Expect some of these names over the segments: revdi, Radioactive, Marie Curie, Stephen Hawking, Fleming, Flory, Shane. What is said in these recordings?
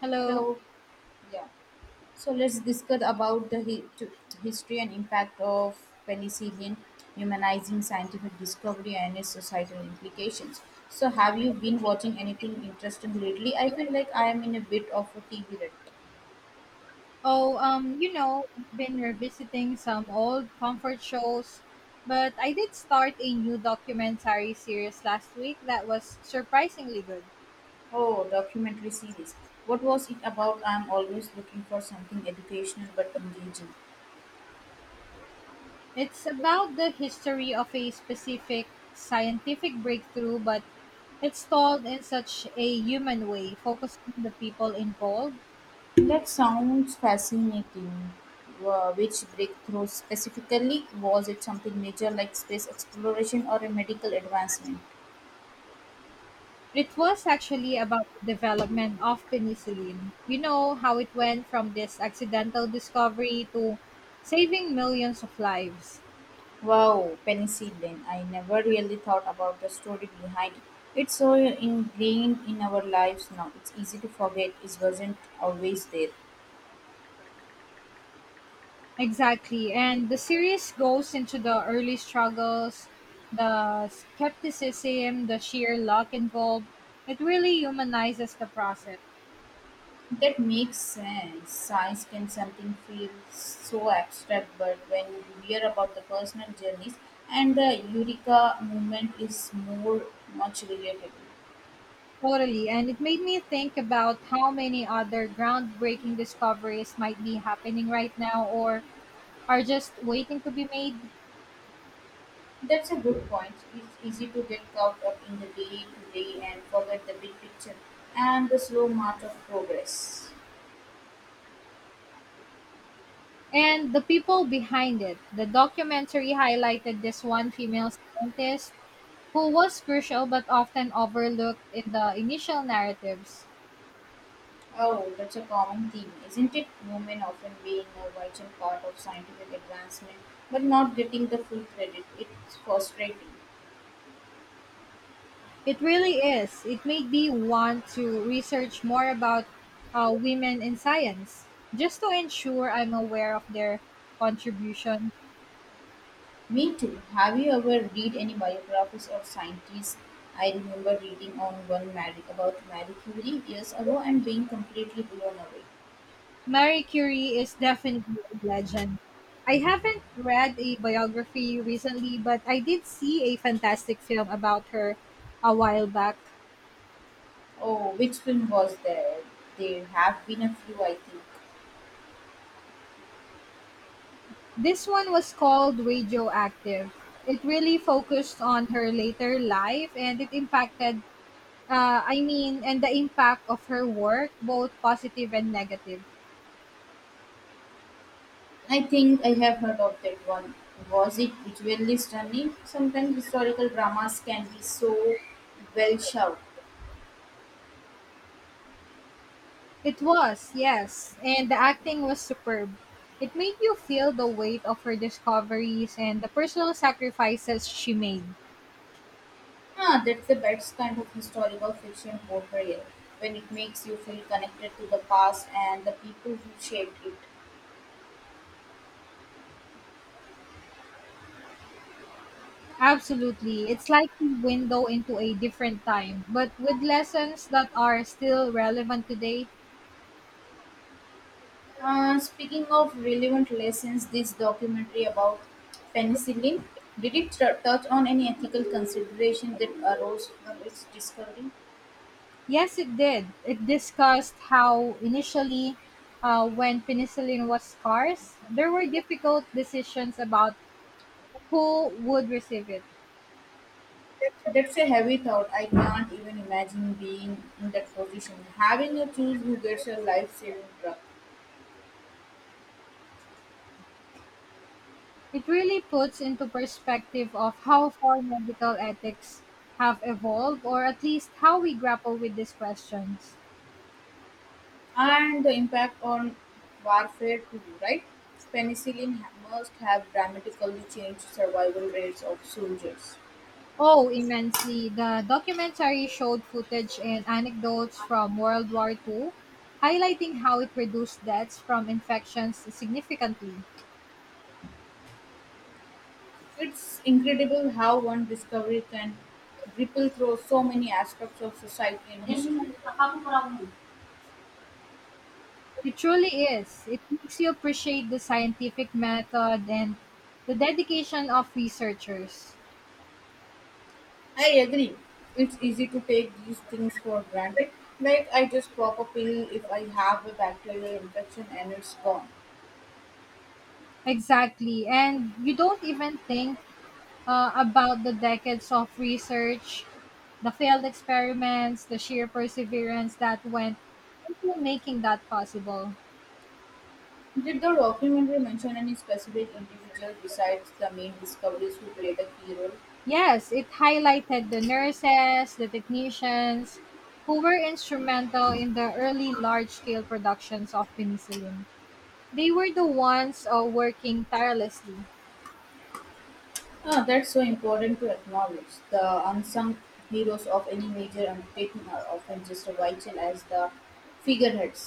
Hello. Hello. Yeah. So let's discuss about the history and impact of penicillin, humanizing scientific discovery and its societal implications. So have you been watching anything interesting lately? I feel like I am in a bit of a TV rut. Oh, I've been revisiting some old comfort shows, but I did start a new documentary series last week that was surprisingly good. Oh, documentary series. What was it about? I'm always looking for something educational but engaging. It's about the history of a specific scientific breakthrough, but it's told in such a human way, focusing on the people involved. That sounds fascinating. Which breakthrough specifically? Was it something major like space exploration or a medical advancement? It was actually about the development of penicillin. You know how it went from this accidental discovery to saving millions of lives. Wow, penicillin. I never really thought about the story behind it. It's so ingrained in our lives now. It's easy to forget it wasn't always there. Exactly. And the series goes into the early struggles, the skepticism, the sheer luck involved. It really humanizes the process. That makes sense. Science can something feel so abstract, but when you hear about the personal journeys and the Eureka movement is more much relatable. Totally. And it made me think about how many other groundbreaking discoveries might be happening right now or are just waiting to be made. That's a good point. It's easy to get caught up in the day to day and forget the big picture and the slow march of progress. And the people behind it. The documentary highlighted this one female scientist who was crucial but often overlooked in the initial narratives. Oh, that's a common theme, isn't it? Women often being a vital part of scientific advancement, but not getting the full credit. It's frustrating. It really is. It made me want to research more about women in science, just to ensure I'm aware of their contribution. Me too. Have you ever read any biographies of scientists? I remember reading on one Mary, about Marie Curie years ago and being completely blown away. Marie Curie is definitely a legend. I haven't read a biography recently, but I did see a fantastic film about her a while back. Oh, which film was there? There have been a few, I think. This one was called Radioactive. It really focused on her later life and it impacted and the impact of her work, both positive and negative. I think I have heard of that one. Was it visually stunning? Sometimes historical dramas can be so well shot. It was, yes, and the acting was superb. It made you feel the weight of her discoveries and the personal sacrifices she made. Ah, that's the best kind of historical fiction portrayal when it makes you feel connected to the past and the people who shaped it. Absolutely. It's like a window into a different time, but with lessons that are still relevant today. Speaking of relevant lessons, this documentary about penicillin did it touch on any ethical consideration that arose from its discovery? Yes, it did. It discussed how initially, when penicillin was scarce, there were difficult decisions about who would receive it. That's a heavy thought. I can't even imagine being in that position, having to choose who gets a life-saving drug, It really puts into perspective of how far medical ethics have evolved, or at least how we grapple with these questions. and the impact on warfare too. Right? Penicillin must have dramatically changed survival rates of soldiers. Oh, immensely. The documentary showed footage and anecdotes from World War Two, highlighting how it reduced deaths from infections significantly. It's incredible how one discovery can ripple through so many aspects of society and history. I It truly is. It makes you appreciate the scientific method and the dedication of researchers. agree. It's easy to take these things for granted. Like I just pop a pill if I have a bacterial infection and it's gone. Exactly. And you don't even think about the decades of research, the failed experiments, the sheer perseverance that went into making that possible. Did the documentary mention any specific individual besides the main discoveries who played a key role? Yes, it highlighted the nurses, the technicians who were instrumental in the early large scale productions of penicillin. They were the ones working tirelessly. Ah, that's so important to acknowledge. The unsung heroes of any major undertaking are often just as vital as the figureheads.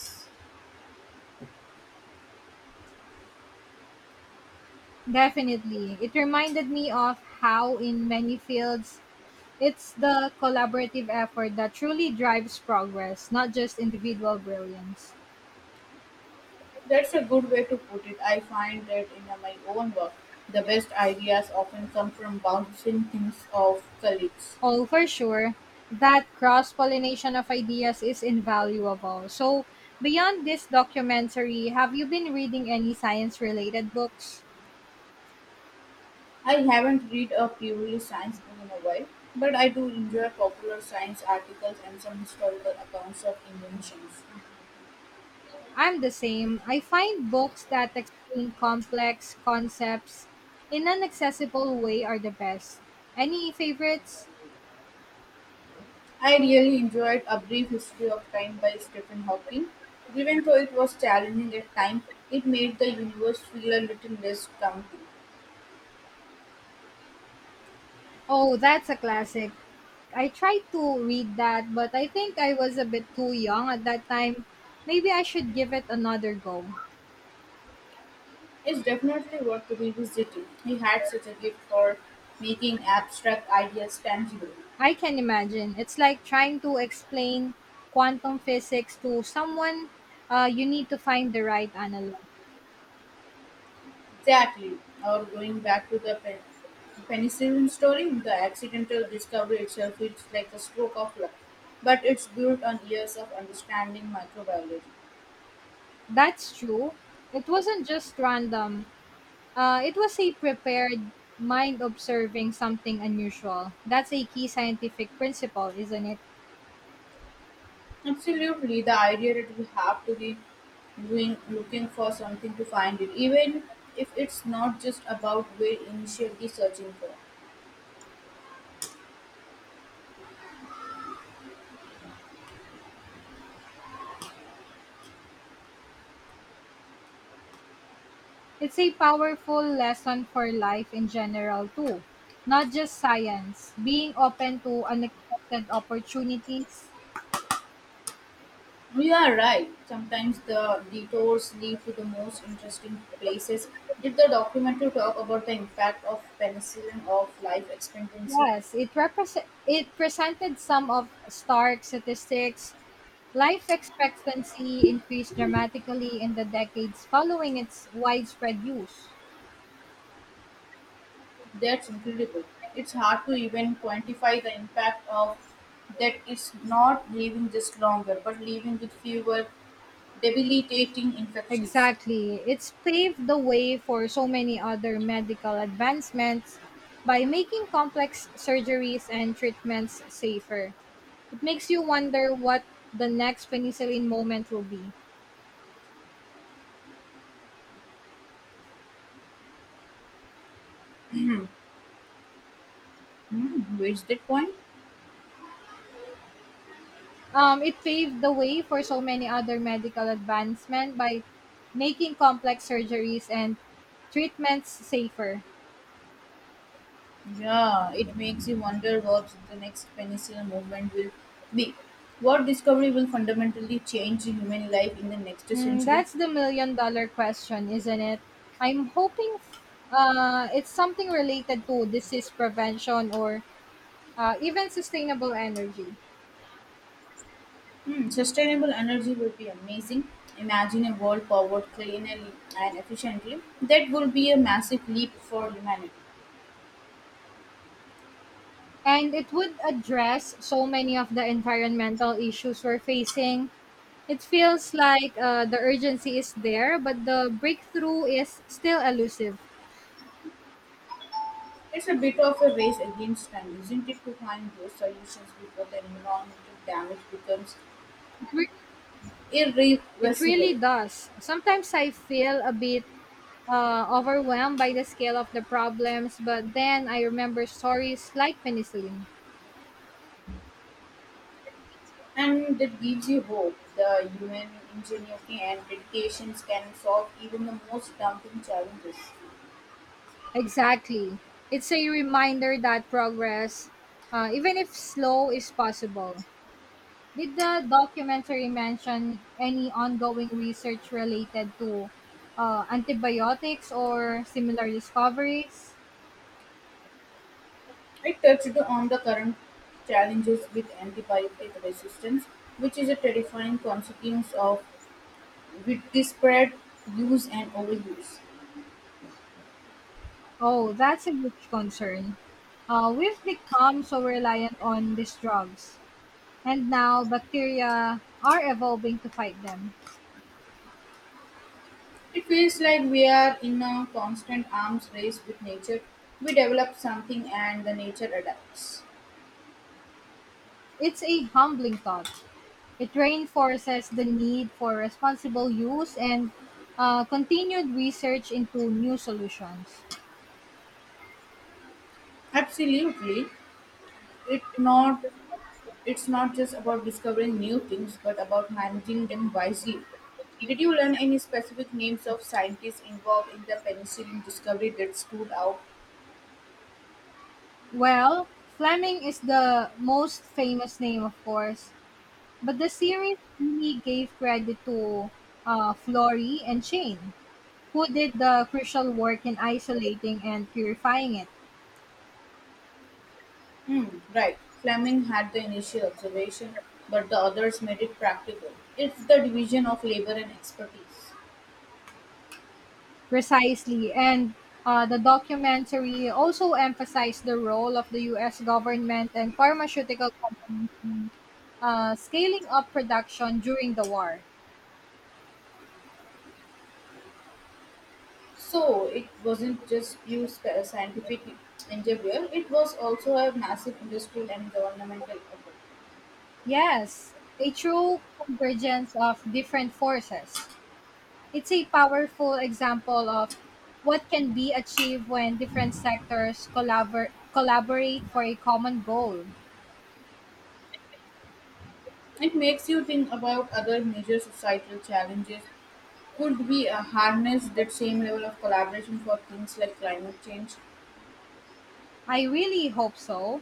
Definitely. It reminded me of how, in many fields, it's the collaborative effort that truly drives progress, not just individual brilliance. That's a good way to put it. I find that in my own work, the best ideas often come from bouncing things off colleagues. Oh, for sure, that cross pollination of ideas is invaluable. So, beyond this documentary, have you been reading any science related books? I haven't read a purely science book in a while, but I do enjoy popular science articles and some historical accounts of inventions. I'm the same. I find books that explain complex concepts in an accessible way are the best. Any favorites? I really enjoyed A Brief History of Time by Stephen Hawking. Even though it was challenging at times, it made the universe feel a little less daunting. Oh, that's a classic. I tried to read that, but I think I was a bit too young at that time. Maybe I should give it another go. It's definitely worth revisiting. He had such a gift for making abstract ideas tangible. I can imagine. It's like trying to explain quantum physics to someone. You need to find the right analog. Exactly. Or going back to the penicillin story, the accidental discovery itself feels like a stroke of luck, but it's built on years of understanding microbiology. That's true. It wasn't just random, it was a prepared mind observing something unusual. That's a key scientific principle, isn't it? Absolutely, the idea that we have to be doing looking for something to find it, even if it's not just about we're initially searching for. It's a powerful lesson for life in general too, not just science. Being open to unexpected opportunities. You are right. Sometimes the detours lead to the most interesting places. Did the documentary talk about the impact of penicillin of life expectancy? Yes, it presented some of stark statistics. Life expectancy increased dramatically in the decades following its widespread use. That's incredible. It's hard to even quantify the impact of that it's not living just longer, but living with fewer debilitating infections. Exactly. It's paved the way for so many other medical advancements by making complex surgeries and treatments safer. It makes you wonder what the next penicillin moment will be. Hmm, where's that point? It paved the way for so many other medical advancement by making complex surgeries and treatments safer. Yeah, it makes you wonder what the next penicillin movement will be. What discovery will fundamentally change human life in the next Mm, century? that's the million-dollar question, isn't it? I'm hoping it's something related to disease prevention or even sustainable energy. Hmm, sustainable energy would be amazing. Imagine a world powered cleanly and efficiently. That would be a massive leap for humanity. And it would address so many of the environmental issues we're facing. It feels like the urgency is there, but the breakthrough is still elusive. It's a bit of a race against time, isn't it, to find those solutions before the environmental damage becomes It, re- it irreversible? really does. Sometimes I feel a bit overwhelmed by the scale of the problems, but then I remember stories like penicillin. And it gives you hope. The human ingenuity and dedications can solve even the most daunting challenges. Exactly. It's a reminder that progress, even if slow, is possible. Did the documentary mention any ongoing research related to antibiotics or similar discoveries? I touched on the current challenges with antibiotic resistance, which is a terrifying consequence of widespread use and overuse. Oh, that's a huge concern. We've become so reliant on these drugs, and now bacteria are evolving to fight them. It feels like we are in a constant arms race with nature. We develop something and the nature adapts. It's a humbling thought. It reinforces the need for responsible use and continued research into new solutions. Absolutely. It not It's not just about discovering new things, but about managing them wisely. Did you learn any specific names of scientists involved in the penicillin discovery that stood out? Well, Fleming is the most famous name, of course, but the series really gave credit to Flory and Shane, who did the crucial work in isolating and purifying it Hmm, right. Fleming had the initial observation, but the others made it practical. It's the division of labor and expertise. precisely. And the documentary also emphasized the role of the U.S. government and pharmaceutical companies scaling up production during the war. So it wasn't just you scientific endeavor; it was also a massive industrial and governmental effort. Yes, a true convergence of different forces. It's a powerful example of what can be achieved when different sectors collaborate for a common goal. It makes you think about other major societal challenges. Could we harness that same level of collaboration for things like climate change? I really hope so.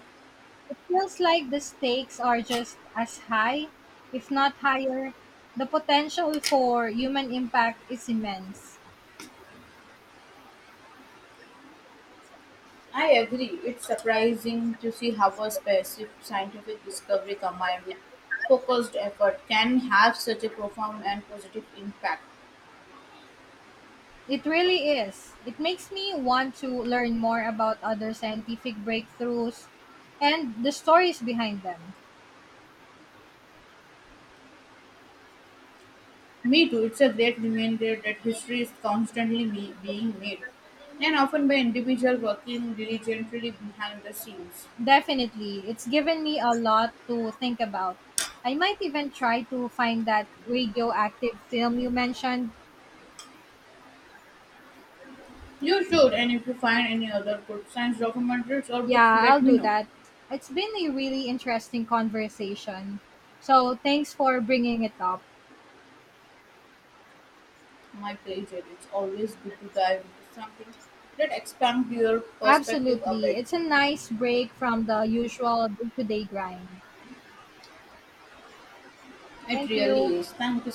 It feels like the stakes are just as high, if not higher. The potential for human impact is immense. I agree. It's surprising to see how a specific scientific discovery combined with focused effort can have such a profound and positive impact. It really is. It makes me want to learn more about other scientific breakthroughs and the stories behind them. Me too. It's a great reminder that history is constantly being made, and often by individuals working diligently behind the scenes. Definitely, it's given me a lot to think about. I might even try to find that Radioactive film you mentioned. You should, and if you find any other good science documentaries or books, Yeah, let I'll me do know. that. It's been a really interesting conversation. So thanks for bringing it up. My pleasure. It's always good to dive into something that expands your perspective a Absolutely. bit. It's a nice break from the usual day to day grind. It Thank really you. is. Thank you